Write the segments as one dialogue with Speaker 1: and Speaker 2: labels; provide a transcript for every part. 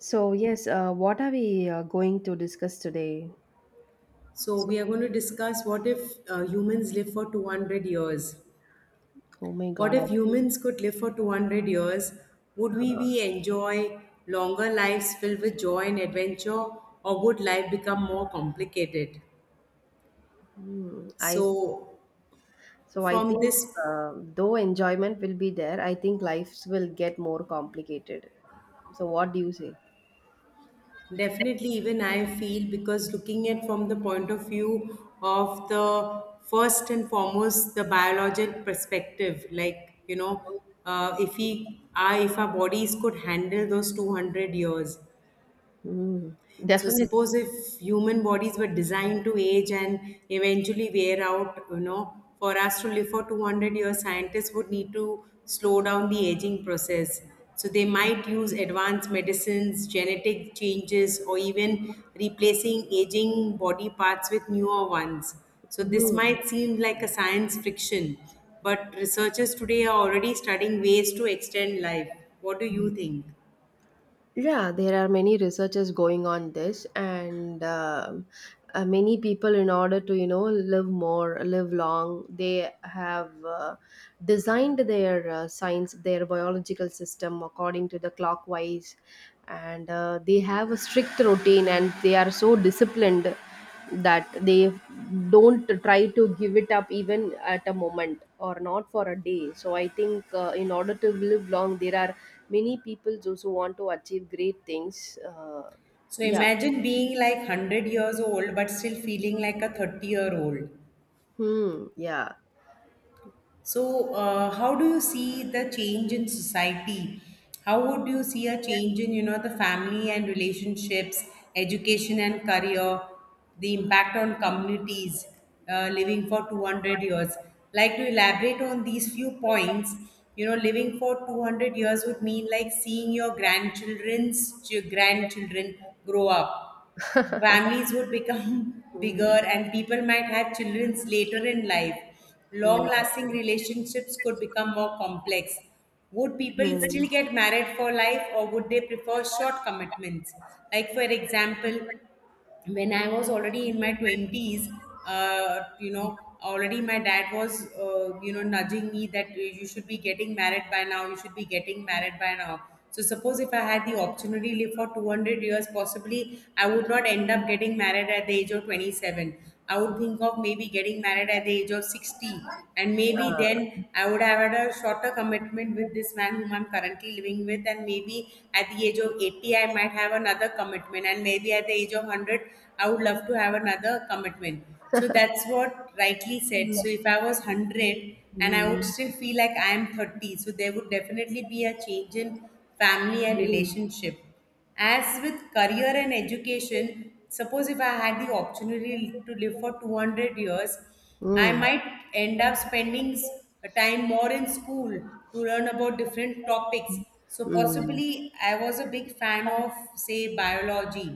Speaker 1: So, yes, what are we going to discuss today?
Speaker 2: So, we are going to discuss what if humans live for 200 years?
Speaker 1: Oh my
Speaker 2: What
Speaker 1: God, I
Speaker 2: if humans could live for 200 years? Would we be enjoy longer lives filled with joy and adventure, or would life become more complicated?
Speaker 1: hmm, I
Speaker 2: So,
Speaker 1: so I
Speaker 2: from
Speaker 1: think
Speaker 2: this
Speaker 1: though enjoyment will be there, I think lives will get more complicated. So, what do you say?
Speaker 2: Definitely, even I feel because looking at from the point of view of the first and foremost the biologic perspective, like you know, if our bodies could handle those 200 years.
Speaker 1: Hmm,
Speaker 2: So
Speaker 1: definitely.
Speaker 2: suppose if human bodies were designed to age and eventually wear out, you know, for us to live for 200 years, scientists would need to slow down the aging process. So they might use advanced medicines, genetic changes, or even replacing aging body parts with newer ones. So this
Speaker 1: Hmm.
Speaker 2: might seem like a science fiction, but researchers today are already studying ways to extend life. What do you think?
Speaker 1: Yeah, there are many researches going on this, and many people, in order to you know live more, live long, they have designed their science, their biological system according to the clockwise, and they have a strict routine, and they are so disciplined that they don't try to give it up even at a moment or not for a day. So I think in order to live long there are many people those who want to achieve great things
Speaker 2: So
Speaker 1: yeah.
Speaker 2: imagine being like 100 years old but still feeling like a 30-year-old.
Speaker 1: Hmm, yeah.
Speaker 2: So, how do you see the change in society? How would you see a change in, you know, the family and relationships, education and career, the impact on communities living for 200 years? Like to elaborate on these few points, you know, living for 200 years would mean like seeing your grandchildren grow up. Families would become
Speaker 1: Hmm.
Speaker 2: bigger and people might have children later in life. Long lasting relationships could become more complex. Would
Speaker 1: Hmm.
Speaker 2: people still
Speaker 1: Hmm.
Speaker 2: get married for life or would they prefer short commitments? Like, for example, when I was already in my 20s, you know, already my dad was, you know, nudging me that you should be getting married by now, you should be getting married by now. So, suppose if I had the opportunity to live for 200 years, possibly I would not end up getting married at the age of 27. I would think of maybe getting married at the age of 60, and maybe then
Speaker 1: Uh,
Speaker 2: I would have had a shorter commitment with this man whom I'm currently living with, and maybe at the age of 80 I might have another commitment, and maybe at the age of 100 I would love to have another commitment. So that's what rightly said.
Speaker 1: hmm.
Speaker 2: So if I was 100 and I would still feel like I am 30, so there would definitely be a change in family and
Speaker 1: Hmm.
Speaker 2: relationship. As with career and education, suppose if I had the opportunity to live for 200 years, I
Speaker 1: Hmm.
Speaker 2: might end up spending s- time more in school to learn about different topics. So
Speaker 1: Hmm.
Speaker 2: possibly I was a big fan of say biology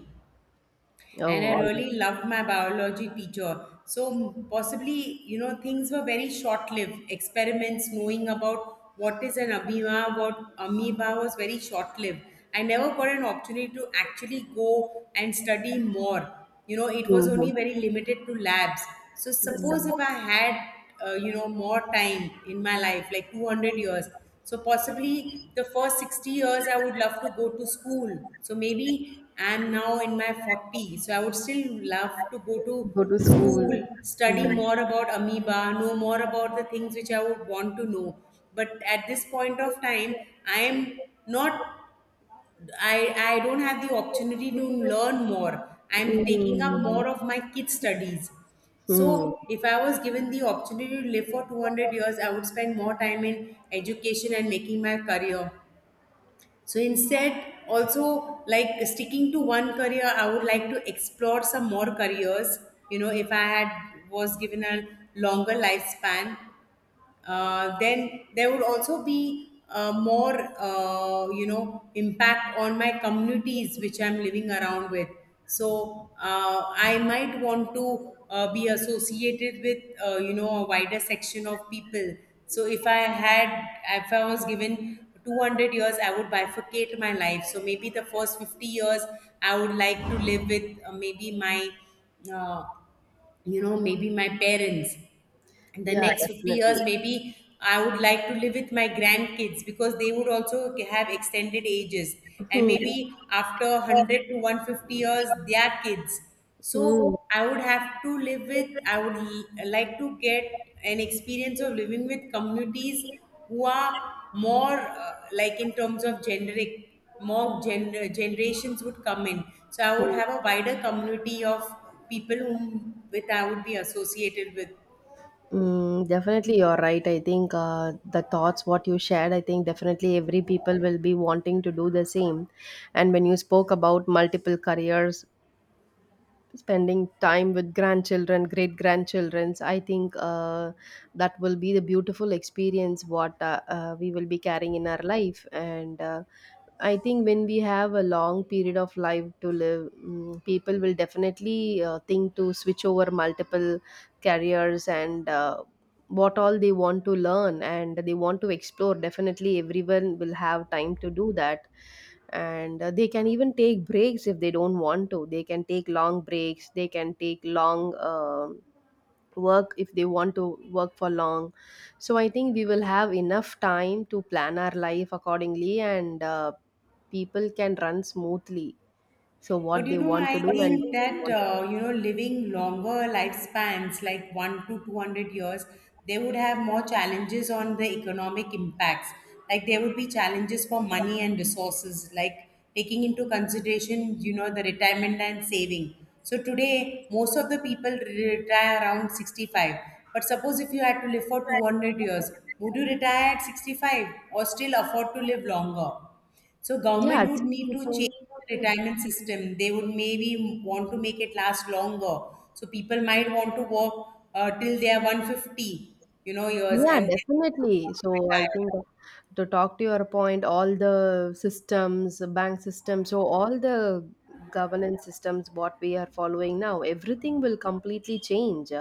Speaker 1: Oh,
Speaker 2: and
Speaker 1: all
Speaker 2: I
Speaker 1: right.
Speaker 2: really loved my biology teacher. So possibly, you know, things were very short-lived. Experiments, knowing about what is an amoeba, what amoeba was very short-lived. I never got an opportunity to actually go and study more. You know, it was only
Speaker 1: Mhm.
Speaker 2: very limited to labs. So suppose
Speaker 1: Mm.
Speaker 2: if I had, you know, more time in my life, like 200 years, so possibly the first 60 years I would love to go to school. So maybe I'm now in my 40. So I would still love to go to
Speaker 1: Go to school.
Speaker 2: school, study
Speaker 1: Mm.
Speaker 2: more about amoeba, know more about the things which I would want to know. But at this point of time, I am not I I don't have the opportunity to learn more. I'm taking up
Speaker 1: Mm.
Speaker 2: more of my kids' studies.
Speaker 1: Mm.
Speaker 2: So if I was given the opportunity to live for 200 years, I would spend more time in education and making my career. So instead, also like sticking to one career, I would like to explore some more careers. You know, if I had was given a longer lifespan, then there would also be more you know impact on my communities which I'm living around with. So I might want to be associated with, you know, a wider section of people. So if I was given 200 years, I would bifurcate my life. So maybe the first 50 years I would like to live with, maybe my uh, you know, maybe my parents. In the
Speaker 1: Yeah,
Speaker 2: next 50 years
Speaker 1: definitely.
Speaker 2: maybe I would like to live with my grandkids because they would also have extended ages, and
Speaker 1: Hmm.
Speaker 2: maybe after 100 to 150 years their kids. So
Speaker 1: Mm,
Speaker 2: I would have to live with, like to get an experience of living with communities who are more, like in terms of gender, generations would come in. So I would have a wider community of people whom with I would be associated with.
Speaker 1: mm, definitely, you're right. I think the thoughts what you shared, I think definitely every people will be wanting to do the same. And when you spoke about multiple careers, spending time with grandchildren great grandchildrens I think that will be the beautiful experience what we will be carrying in our life. And I think when we have a long period of life to live, mm, people will definitely think to switch over multiple careers. And what all they want to learn and they want to explore, definitely everyone will have time to do that. And they can even take breaks. If they don't want to, they can take long breaks, they can take long work if they want to work for long. So I think we will have enough time to plan our life accordingly. And people can run smoothly so
Speaker 2: But
Speaker 1: what
Speaker 2: you
Speaker 1: they
Speaker 2: know,
Speaker 1: want to do
Speaker 2: I
Speaker 1: and they
Speaker 2: think
Speaker 1: don't
Speaker 2: that
Speaker 1: want
Speaker 2: you
Speaker 1: to.
Speaker 2: know, living longer lifespans, like 1 to 200 years, they would have more challenges on the economic impacts. Like there would be challenges for money and resources, like taking into consideration, you know, the retirement and saving. So today, most of the retire around 65. But suppose if you had to live for 200 years, would you retire at 65 or still afford to live longer? So
Speaker 1: Yeah,
Speaker 2: government
Speaker 1: it's
Speaker 2: would need to
Speaker 1: 62.
Speaker 2: change the retirement system. They would maybe want to make it last longer. So people might want to work till they are 150, you know, years,
Speaker 1: Yeah,
Speaker 2: and then they would
Speaker 1: definitely.
Speaker 2: want to
Speaker 1: So I
Speaker 2: retire.
Speaker 1: think to talk to your point, all the systems, bank system, so all the governance systems, what we are following now, everything will completely change.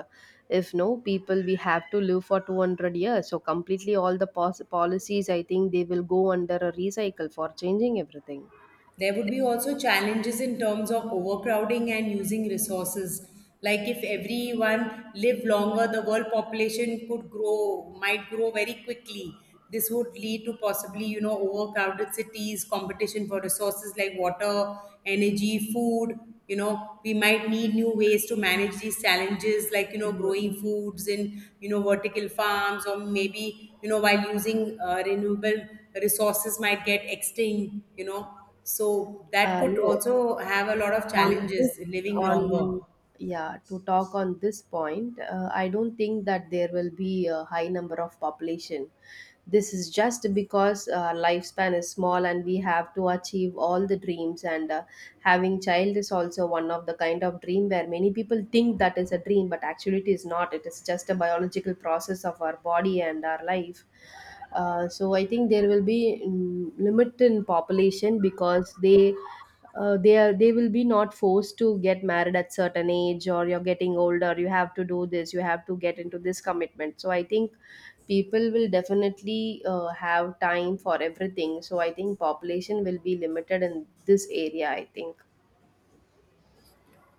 Speaker 1: If no people, we have to live for 200 years. So completely all the policies, I think they will go under a recycle for changing everything.
Speaker 2: There would be also challenges in terms of overcrowding and using resources. Like if everyone lived longer, the world population could grow, might grow very quickly. This would lead to possibly, you know, overcrowded cities, competition for resources like water, energy, food. You know, we might need new ways to manage these challenges, like, you know, growing
Speaker 1: Mhm.
Speaker 2: foods in, you know, vertical farms, or maybe, you know, while using renewable resources might get extinct, you know, so that could
Speaker 1: No.
Speaker 2: also have a lot of
Speaker 1: on this
Speaker 2: challenges living longer.
Speaker 1: on Yeah, to talk on this point, I don't think that there will be a high number of population. This is just because lifespan is small and we have to achieve all the dreams. And having child is also one of the kind of dream where many people think that is a dream, but actually it is not. It is just a biological process of our body and our life. So I think there will be mm, limit in population because they are, they will be not forced to get married at certain age or you're getting older you have to do this, you have to get into this commitment. So I think people will definitely have time for everything. So I think population will be limited in this area, I think.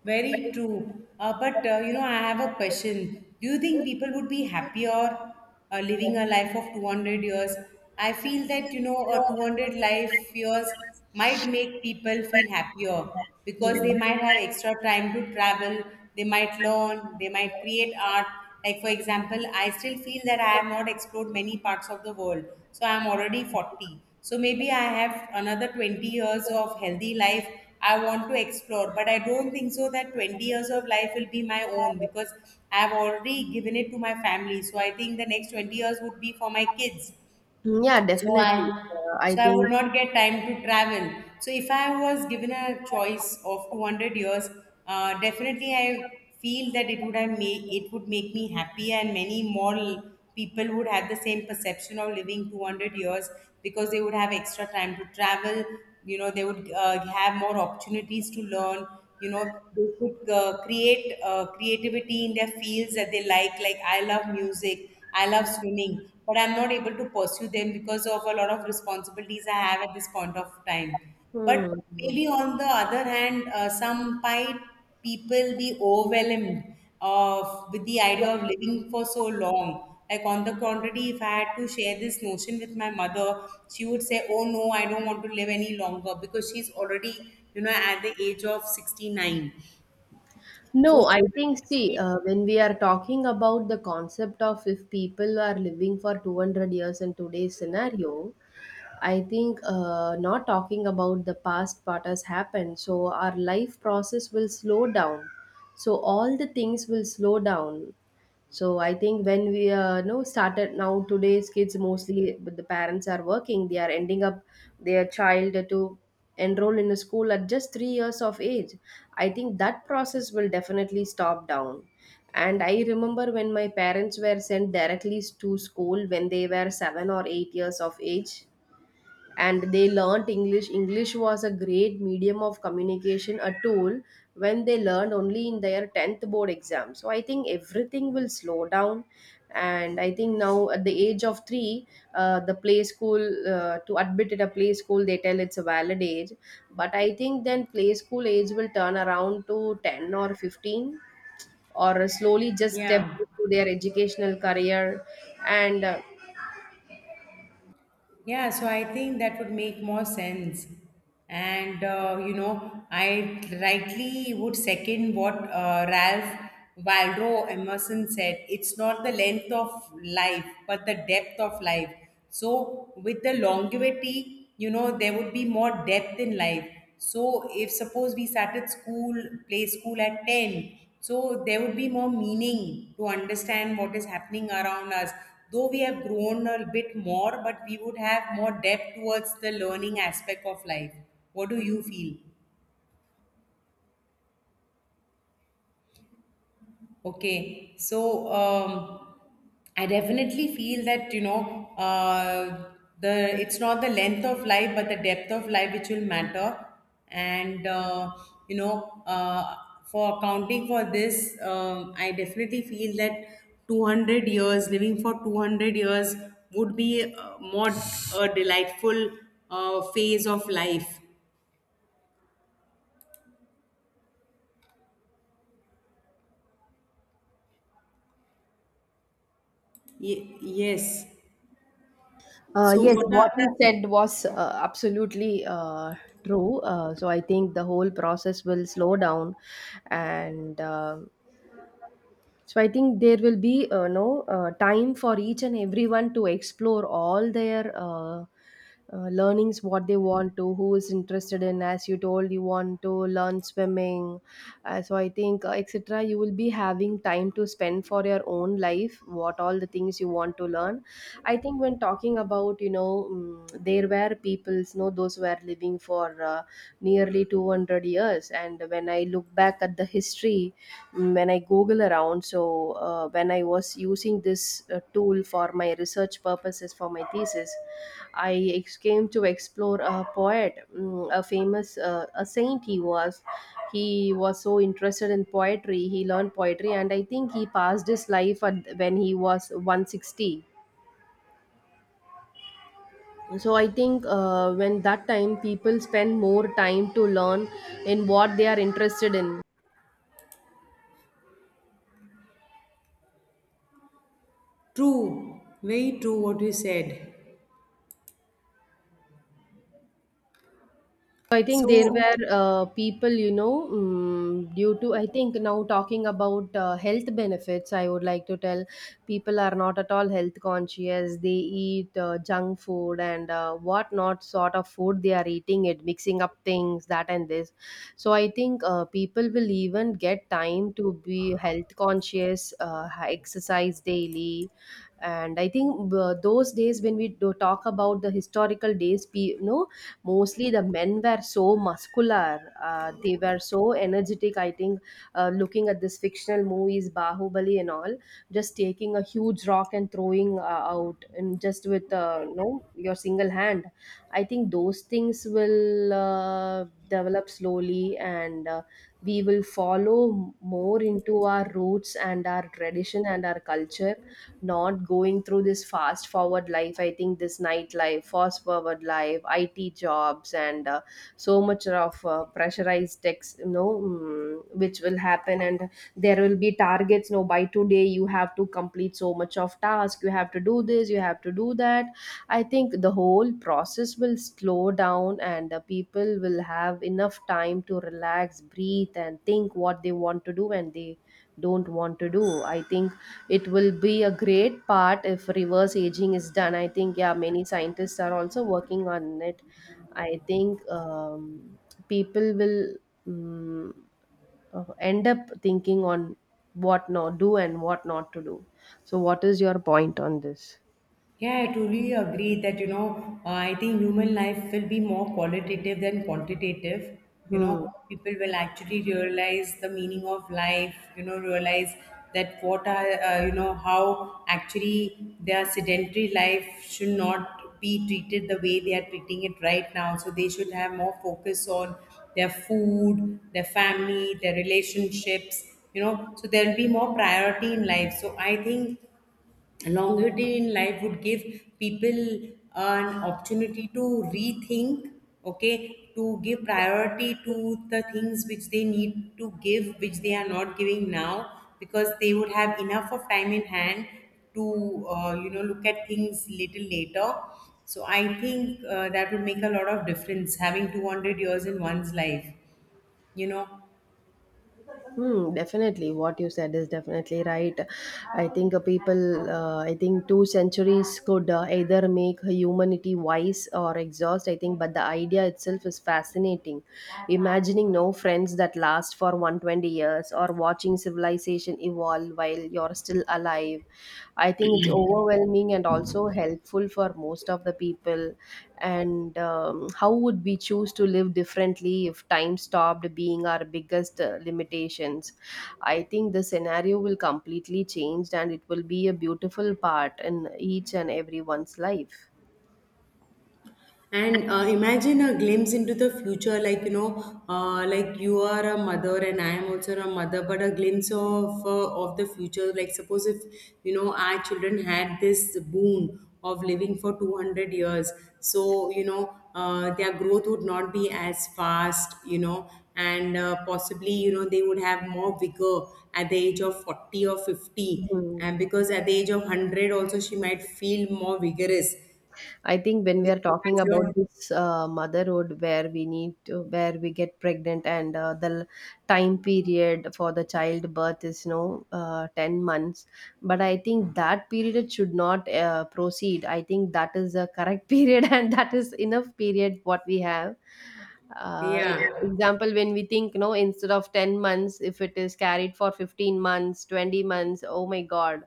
Speaker 2: Very true. But you know, I have a question. Do you think people would be happier living a life of 200 years? I feel that you know, a 200 life years might make people feel happier because
Speaker 1: Hmm.
Speaker 2: they might have extra time to travel, they might learn, they might create art. Like for example, I still feel that I have not explored many parts of the world. So I'm already 40. So maybe I have another 20 years of healthy life I want to explore. But I don't think so that 20 years of life will be my own because I have already given it to my family. So I think the next 20 years would be for my kids.
Speaker 1: Yeah,
Speaker 2: So
Speaker 1: definitely, I
Speaker 2: I
Speaker 1: think.
Speaker 2: would not get time to travel. So if I was given a choice of 200 years, definitely I feel that it would make me happy, and many more people would have the same perception of living 200 years because they would have extra time to travel. You know, they would have more opportunities to learn. You know, they could create creativity in their fields that they like. Like I love music. I love swimming, but I'm not able to pursue them because of a lot of responsibilities I have at this point of time. But
Speaker 1: Hmm.
Speaker 2: maybe on the other hand, people be overwhelmed of with the idea of living for so long. Like on the contrary, if I had to share this notion with my mother, she would say, "Oh no, I don't want to live any longer," because she's already, you know, at the age of 69.
Speaker 1: No, I think, see, when we are talking about the concept of if people are living for 200 years in today's scenario, I think not talking about the past what has happened, so our life process will slow down. So all the things will slow down. So I think when we know started now today's kids mostly, but the parents are working, they are ending up their child to enroll in a school at just 3 years of age. I think that process will definitely stop down. And I remember when my parents were sent directly to school when they were 7 or 8 years of age, and they learnt english, english was a great medium of communication, a tool, when they learned only in their 10th board exam. So I think everything will slow down. And I think now at the age of 3, the play school, to admit at a play school they tell it's a valid age, but I think then play school age will turn around to 10 or 15, or slowly just step
Speaker 2: Yeah.
Speaker 1: into their educational career. And
Speaker 2: Yeah, so I think that would make more sense. And, you know, I rightly would second what Ralph Waldo Emerson said. It's not the length of life, but the depth of life. So, with the longevity, you know, there would be more depth in life. So, if suppose we started school, play school at 10, so there would be more meaning to understand what is happening around us, though we have grown a bit more, but we would have more depth towards the learning aspect of life. What do you feel? Okay, so I definitely feel that you know, the it's not the length of life but the depth of life which will matter, and you know, for accounting for this, I definitely feel that two hundred years living for 200 years would be more a delightful phase of life. Yes.
Speaker 1: uh,
Speaker 2: So
Speaker 1: yes,
Speaker 2: what
Speaker 1: what
Speaker 2: a
Speaker 1: you said was absolutely true. So I think the whole process will slow down, and um, so I think there will be no time for each and everyone to explore all their learnings, what they want to, who is interested in. As you told, you want to learn swimming. So I think etc. You will be having time to spend for your own life, what all the things you want to learn. I think when talking about you know there were peoples, you know those were living for nearly 200 years, and when I look back at the history mm, when I Google around. So, when I was using this tool for my research purposes for my thesis, I came to explore a poet, mm, a famous, a saint he was. He was so interested in poetry. He learned poetry, and I think he passed his life at, when he was 160. So I think when that time people spend more time to learn in what they are interested in.
Speaker 2: True, very true what you said.
Speaker 1: So, I think there
Speaker 2: So
Speaker 1: were people, you know, mm, due to, I think now talking about health benefits, I would like to tell, people are not at all health conscious. They eat junk food and what not sort of food they are eating it, mixing up things, that and this. So I think people will even get time to be health conscious, exercise daily. And I think those days when we do talk about the historical days you know mostly the men were so muscular, they were so energetic. I think looking at this fictional movies Bahubali and all, just taking a huge rock and throwing out, and just with you know your single hand, I think those things will develop slowly. And we will follow more into our roots and our tradition and our culture, not going through this fast forward life. I think this nightlife fast forward life IT jobs and so much of pressurized text you know mm, which will happen. And there will be targets, no, by today you have to complete so much of task, you have to do this, you have to do that. I think the whole process will slow down and the people will have enough time to relax, breathe, and think what they want to do and they don't want to do. I think it will be a great part if reverse aging is done. I think, yeah, many scientists are also working on it. I think people will mm, end up thinking on what not do and what not to do. So, what is your point on this?
Speaker 2: yeah, I truly agree that, you know, I think human life will be more qualitative than quantitative. You
Speaker 1: Hmm.
Speaker 2: know, people will actually realize the meaning of life, you know, realize that what are, you know, how actually their sedentary life should not be treated the way they are treating it right now. So they should have more focus on their food, their family, their relationships, so there will be more priority in life. So I think longevity in life would give people an opportunity to rethink, okay, to give priority to the things which they need to give, which they are not giving now, because they would have enough of time in hand to look at things little later. So I think that would make a lot of difference having 200 years in one's life you know
Speaker 1: Hmm, definitely. What you said is definitely right. I think people, I think two centuries could either make humanity wise or exhaust, I think, but the idea itself is fascinating. Imagining no friends that last for 120 years or watching civilization evolve while you're still alive, I think it's overwhelming and also helpful for most of the people. And how would we choose to live differently if time stopped being our biggest limitations? I think the scenario will completely change and it will be a beautiful part in each and everyone's life.
Speaker 2: And imagine a glimpse into the future, like you are a mother and I am also a mother, but a glimpse of the future. Like, suppose if our children had this boon of living for 200 years, so their growth would not be as fast, and possibly they would have more vigor at the age of 40 or 50,
Speaker 1: Mhm.
Speaker 2: and because at the age of 100 also she might feel more vigorous.
Speaker 1: I think when we
Speaker 2: You
Speaker 1: are
Speaker 2: know,
Speaker 1: talking
Speaker 2: as
Speaker 1: about
Speaker 2: your
Speaker 1: this motherhood, where we need to, where we get pregnant, and the time period for the childbirth is no 10 months. But I think that period should not proceed. I think that is the correct period, and that is enough period what we have. Uh,
Speaker 2: Yeah,
Speaker 1: example when we think no instead of 10 months if it is carried for 15 months 20 months, oh my god,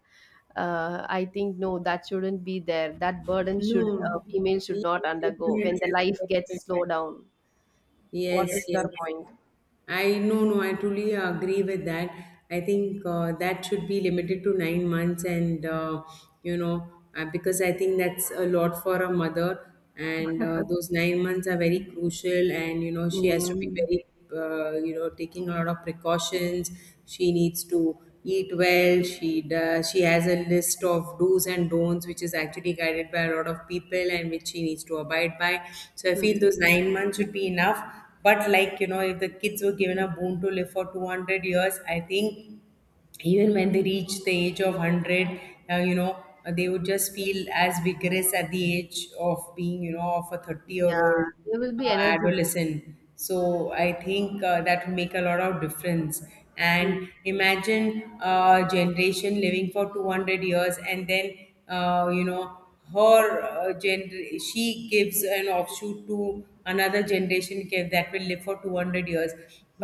Speaker 1: I think no that shouldn't be there, that burden should,
Speaker 2: no,
Speaker 1: female should
Speaker 2: yeah,
Speaker 1: not undergo when
Speaker 2: definitely,
Speaker 1: the life gets
Speaker 2: definitely.
Speaker 1: slowed down. What is
Speaker 2: Yes, yes.
Speaker 1: your point?
Speaker 2: I no no I truly agree with that. I think that should be limited to 9 months, and you know because I think that's a lot for a mother, and those 9 months are very crucial, and she has to be
Speaker 1: Mm.
Speaker 2: very taking a lot of precautions. She needs to eat well. She has a list of do's and don'ts, which is actually guided by a lot of people and which she needs to abide by. So I feel
Speaker 1: Hmm.
Speaker 2: those 9 months should be enough, but, like, if the kids were given a boon to live for 200 years, I think even when they reach the age of 100, uh, you know, they would just feel as vigorous at the age of being, of a 30 year
Speaker 1: Yeah,
Speaker 2: old
Speaker 1: they will be energetic.
Speaker 2: adolescent. So I think that would make a lot of difference. And
Speaker 1: Mm.
Speaker 2: imagine a generation living for 200 years and then, uh, you know, her she gives an offshoot to another generation that will live for 200 years.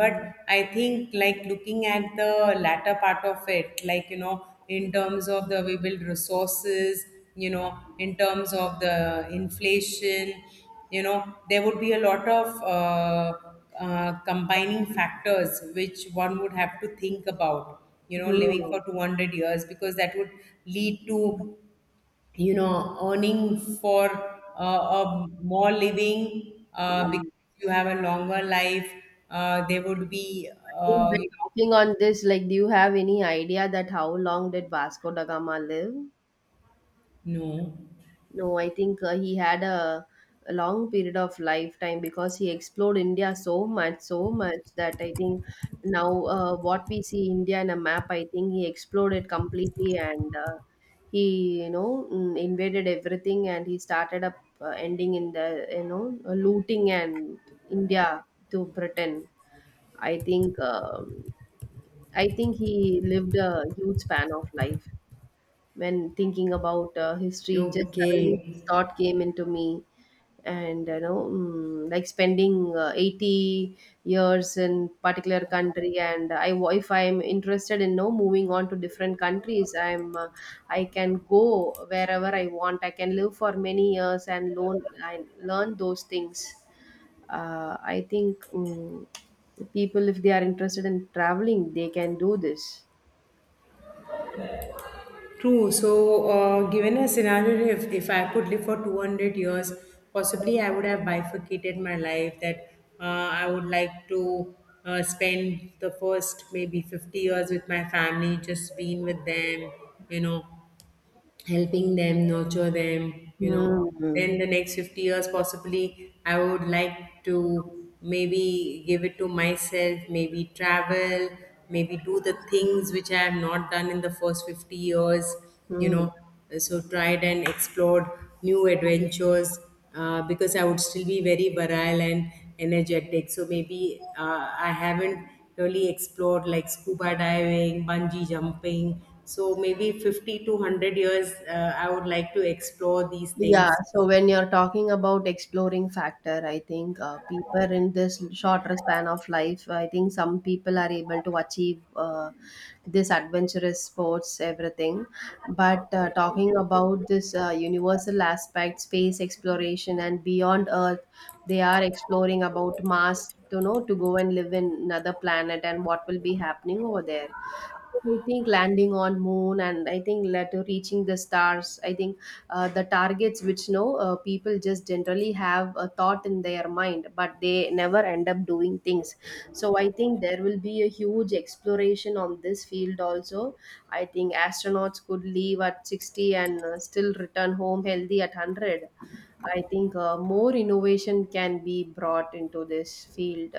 Speaker 2: But I think, like, looking at the latter part of it, like, in terms of the available resources, in terms of the inflation, there would be a lot of combining factors which one would have to think about, living for
Speaker 1: Mm.
Speaker 2: 200 years, because that would lead to, earning for a more living,
Speaker 1: Mm.
Speaker 2: because you have a longer life. There would be
Speaker 1: I think
Speaker 2: uh,
Speaker 1: we're
Speaker 2: you
Speaker 1: talking on this. Like, do you have any idea that how long did Vasco da Gama live?
Speaker 2: know,
Speaker 1: No, I think he had a long period of lifetime because he explored India so much, so much that I think now what we see India in a map, I think he explored it completely. And he, you know, mm, invaded everything and he started up ending in the, you know, looting and India to Britain. I think, um I think he lived a huge span of life when thinking about
Speaker 2: no,
Speaker 1: history. Just
Speaker 2: okay,
Speaker 1: suddenly this thought came into me. And you know, like spending 80 years in particular country. And I if I'm interested in no moving on to different countries, I'm I can go wherever I want, I can live for many years and learn those things. I think, people if they are interested in traveling they can do this.
Speaker 2: true. So, given a scenario, if I could live for 200 years, possibly I would have bifurcated my life, that I would like to spend the first maybe 50 years with my family, just being with them, you know helping them, nurture them.
Speaker 1: Hmm.
Speaker 2: Then the next 50 years, possibly, I would like to maybe give it to myself, maybe travel, maybe do the things which I have not done in the first 50 years, you
Speaker 1: Hmm.
Speaker 2: know. So, tried and explored new adventures, because I would still be very virile and energetic. So maybe I haven't really explored, like, scuba diving, bungee jumping. So maybe 50 to 100 years, I would like to explore these
Speaker 1: Yeah,
Speaker 2: things.
Speaker 1: so when you're talking about exploring factor, I think people in this shorter span of life, I think some people are able to achieve this adventurous sports, everything. But talking about this universal aspect, space exploration and beyond Earth, they are exploring about Mars, you know, to go and live in another planet and what will be happening over there. I think landing on moon and I think later reaching the stars. I think the targets which no people just generally have a thought in their mind, but they never end up doing things. So I think there will be a huge exploration on this field also. I think astronauts could leave at 60 and still return home healthy at 100. I think more innovation can be brought into this field.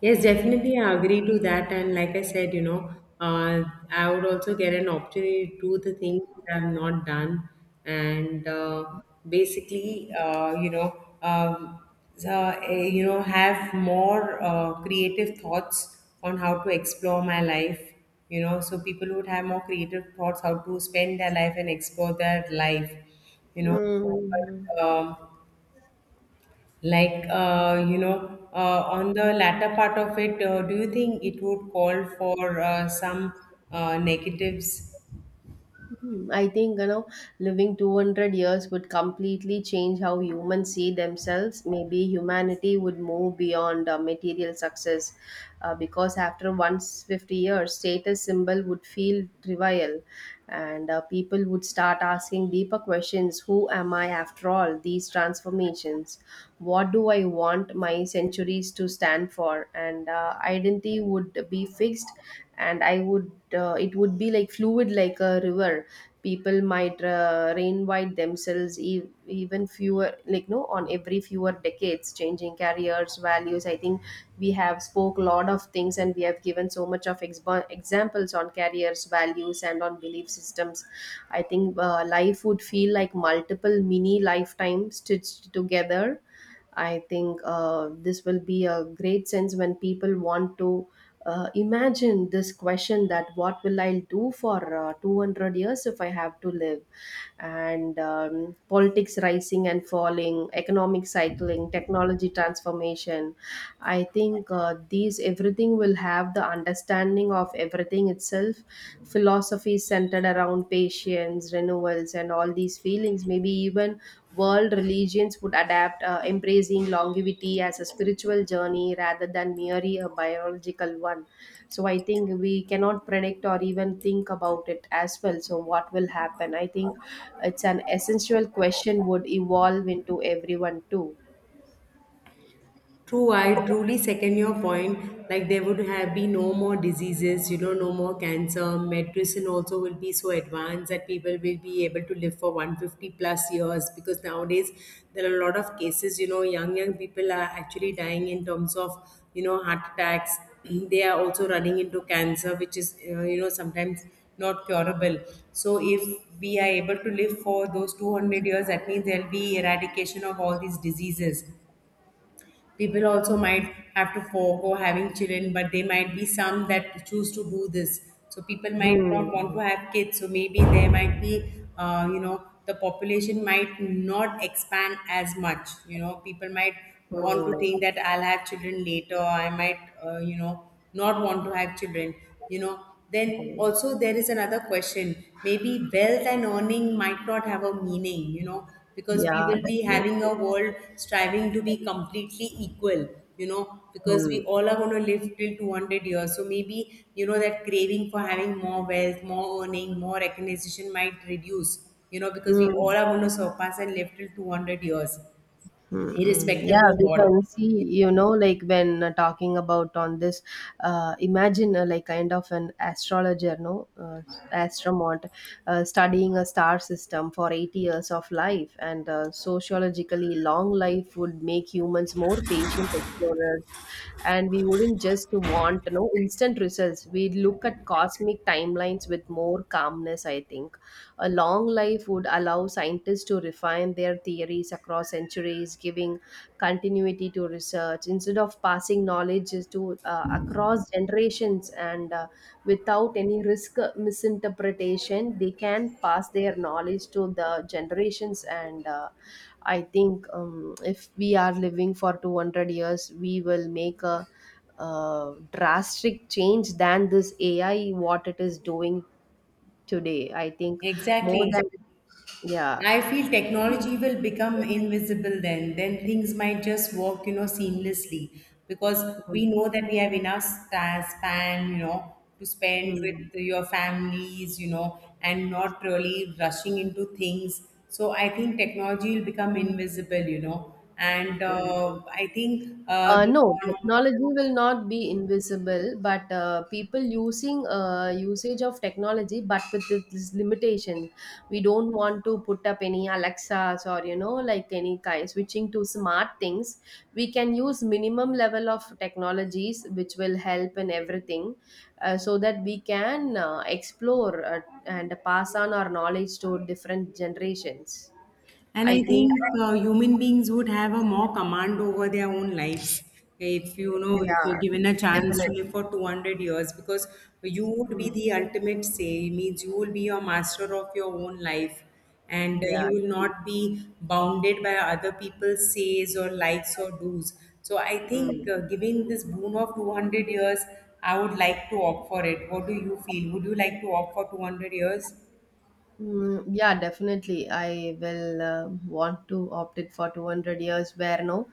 Speaker 2: Yes, definitely I agree to that. And, like I said, uh, I would also get an opportunity to do the things that I've not done. And basically, so, have more creative thoughts on how to explore my life. So people would have more creative thoughts how to spend their life and explore their life. You know,
Speaker 1: Mhm.
Speaker 2: um, on the latter part of it, do you think it would call for some negatives?
Speaker 1: Hmm, I think you know living 200 years would completely change how humans see themselves. Maybe humanity would move beyond material success because after 150 years, status symbol would feel trivial, and people would start asking deeper questions. Who am I after all? These transformations, what do I want my centuries to stand for? And identity would be fixed, and I would it would be like fluid, like a river. People might reinvite themselves, even fewer, like no, on every fewer decades, changing careers values. I think we have spoke a lot of things, and we have given so much of expo examples on careers values and on belief systems. I think life would feel like multiple mini lifetimes stitched together. I think this will be a great sense when people want to imagine this question, that what will I do for 200 years if I have to live? And politics rising and falling, economic cycling, technology transformation, I think these everything will have the understanding of everything itself. Philosophy centered around patience, renewals, and all these feelings. Maybe even world religions would adapt, embracing longevity as a spiritual journey rather than merely a biological one. So I think we cannot predict or even think about it as well. So what will happen? I think it's an essential question would evolve into everyone too.
Speaker 2: True, I truly second your point. Like, there would have been no more diseases, no more cancer. Medicine also will be so advanced that people will be able to live for 150 plus years, because nowadays there are a lot of cases, young, young people are actually dying in terms of, heart attacks. They are also running into cancer, which is, sometimes not curable. So if we are able to live for those 200 years, that means there'll be eradication of all these diseases. People also might have to forego having children, but there might be some that choose to do this. So people might not want to
Speaker 1: Hmm.
Speaker 2: have kids. So maybe there might be, the population might not expand as much. People might want to
Speaker 1: Hmm.
Speaker 2: think that I'll have children later. I might, not want to have children. You know, then
Speaker 1: Mm.
Speaker 2: also there is another question. Maybe wealth and earning might not have a meaning, because we
Speaker 1: Yeah,
Speaker 2: will be having
Speaker 1: definitely.
Speaker 2: a world striving to be completely equal, because we
Speaker 1: Mm.
Speaker 2: all are going to live till 200 years. So maybe, that craving for having more wealth, more earning, more recognition might reduce, because we
Speaker 1: Mm.
Speaker 2: all are going to surpass and live till 200 years,
Speaker 1: Mm, mm.
Speaker 2: irrespective
Speaker 1: Yeah,
Speaker 2: of
Speaker 1: we
Speaker 2: what.
Speaker 1: can see, you know, like when talking about on this, imagine like kind of an astrologer, no, astronaut, studying a star system for 8 years of life. And sociologically, long life would make humans more patient explorers, and we wouldn't just want, you know, instant results. We look at cosmic timelines with more calmness. I think a long life would allow scientists to refine their theories across centuries, giving continuity to research instead of passing knowledge is to across generations. And without any risk misinterpretation, they can pass their knowledge to the generations. And I think, if we are living for 200 years, we will make a, drastic change than this AI, what it is doing today. I think more than,
Speaker 2: Exactly.
Speaker 1: yeah.
Speaker 2: I feel technology will become invisible then. Then things might just work, seamlessly, because
Speaker 1: Mm,
Speaker 2: we know that we have enough span, to spend with
Speaker 1: mm,
Speaker 2: your families, and not really rushing into things. So I think technology will become invisible, and
Speaker 1: mm.
Speaker 2: I think uh, the
Speaker 1: No, technology will not be invisible, but people using usage of technology, but with this limitation, we don't want to put up any Alexas or, you know, like any kind switching to smart things. We can use minimum level of technologies, which will help in everything, so that we can explore and pass on our knowledge to different generations.
Speaker 2: And
Speaker 1: I
Speaker 2: I
Speaker 1: think,
Speaker 2: think human beings would have a more command over their own lives if you know if
Speaker 1: yeah,
Speaker 2: you're given a chance
Speaker 1: definitely.
Speaker 2: to live for 200 years, because you would
Speaker 1: Mm,
Speaker 2: be the ultimate say, means you will be your master of your own life, and
Speaker 1: yeah.
Speaker 2: you will not be bounded by other people's says or likes or do's. So I think
Speaker 1: Mm.
Speaker 2: giving this boon of 200 years, I would like to opt for it. What do you feel? Would you like to opt for 200 years?
Speaker 1: Mm, yeah, definitely. I will want to opt it for 200 years where no,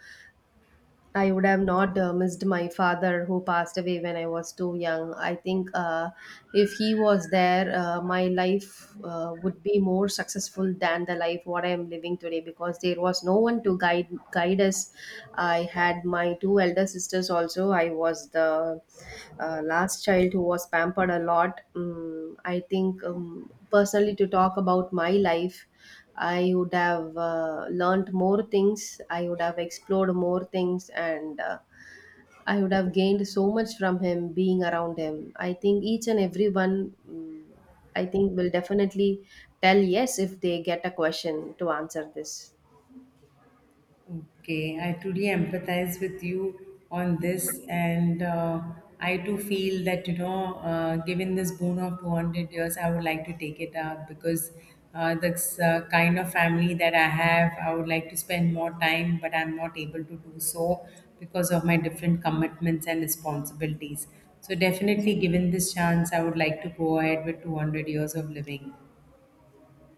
Speaker 1: I would have not missed my father, who passed away when I was too young. I think if he was there, my life would be more successful than the life what I am living today, because there was no one to guide us. I had my two elder sisters also. I was the last child who was pampered a lot. I think personally, to talk about my life, I would have learned more things, I would have explored more things, and I would have gained so much from him being around him. I think each and everyone, I think, will definitely tell yes if they get a question to answer this.
Speaker 2: Okay, I truly empathize with you on this, and I too feel that given this boon of 200 years, I would like to take it up, because that's kind of family that I have. I would like to spend more time, but I'm not able to do so because of my different commitments and responsibilities. So, definitely, given this chance, I would like to go ahead with 200 years of living.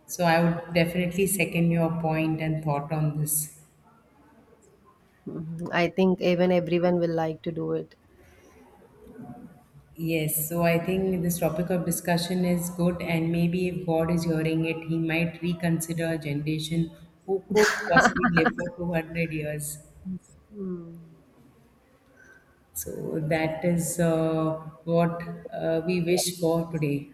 Speaker 2: So, I would definitely second your point and thought on this.
Speaker 1: Mhm. I think even everyone will like to do it.
Speaker 2: Yes, so I think this topic of discussion is good, and maybe if God is hearing it, He might reconsider a generation who could possibly live for 200 years.
Speaker 1: Mm.
Speaker 2: So that is what we wish for today.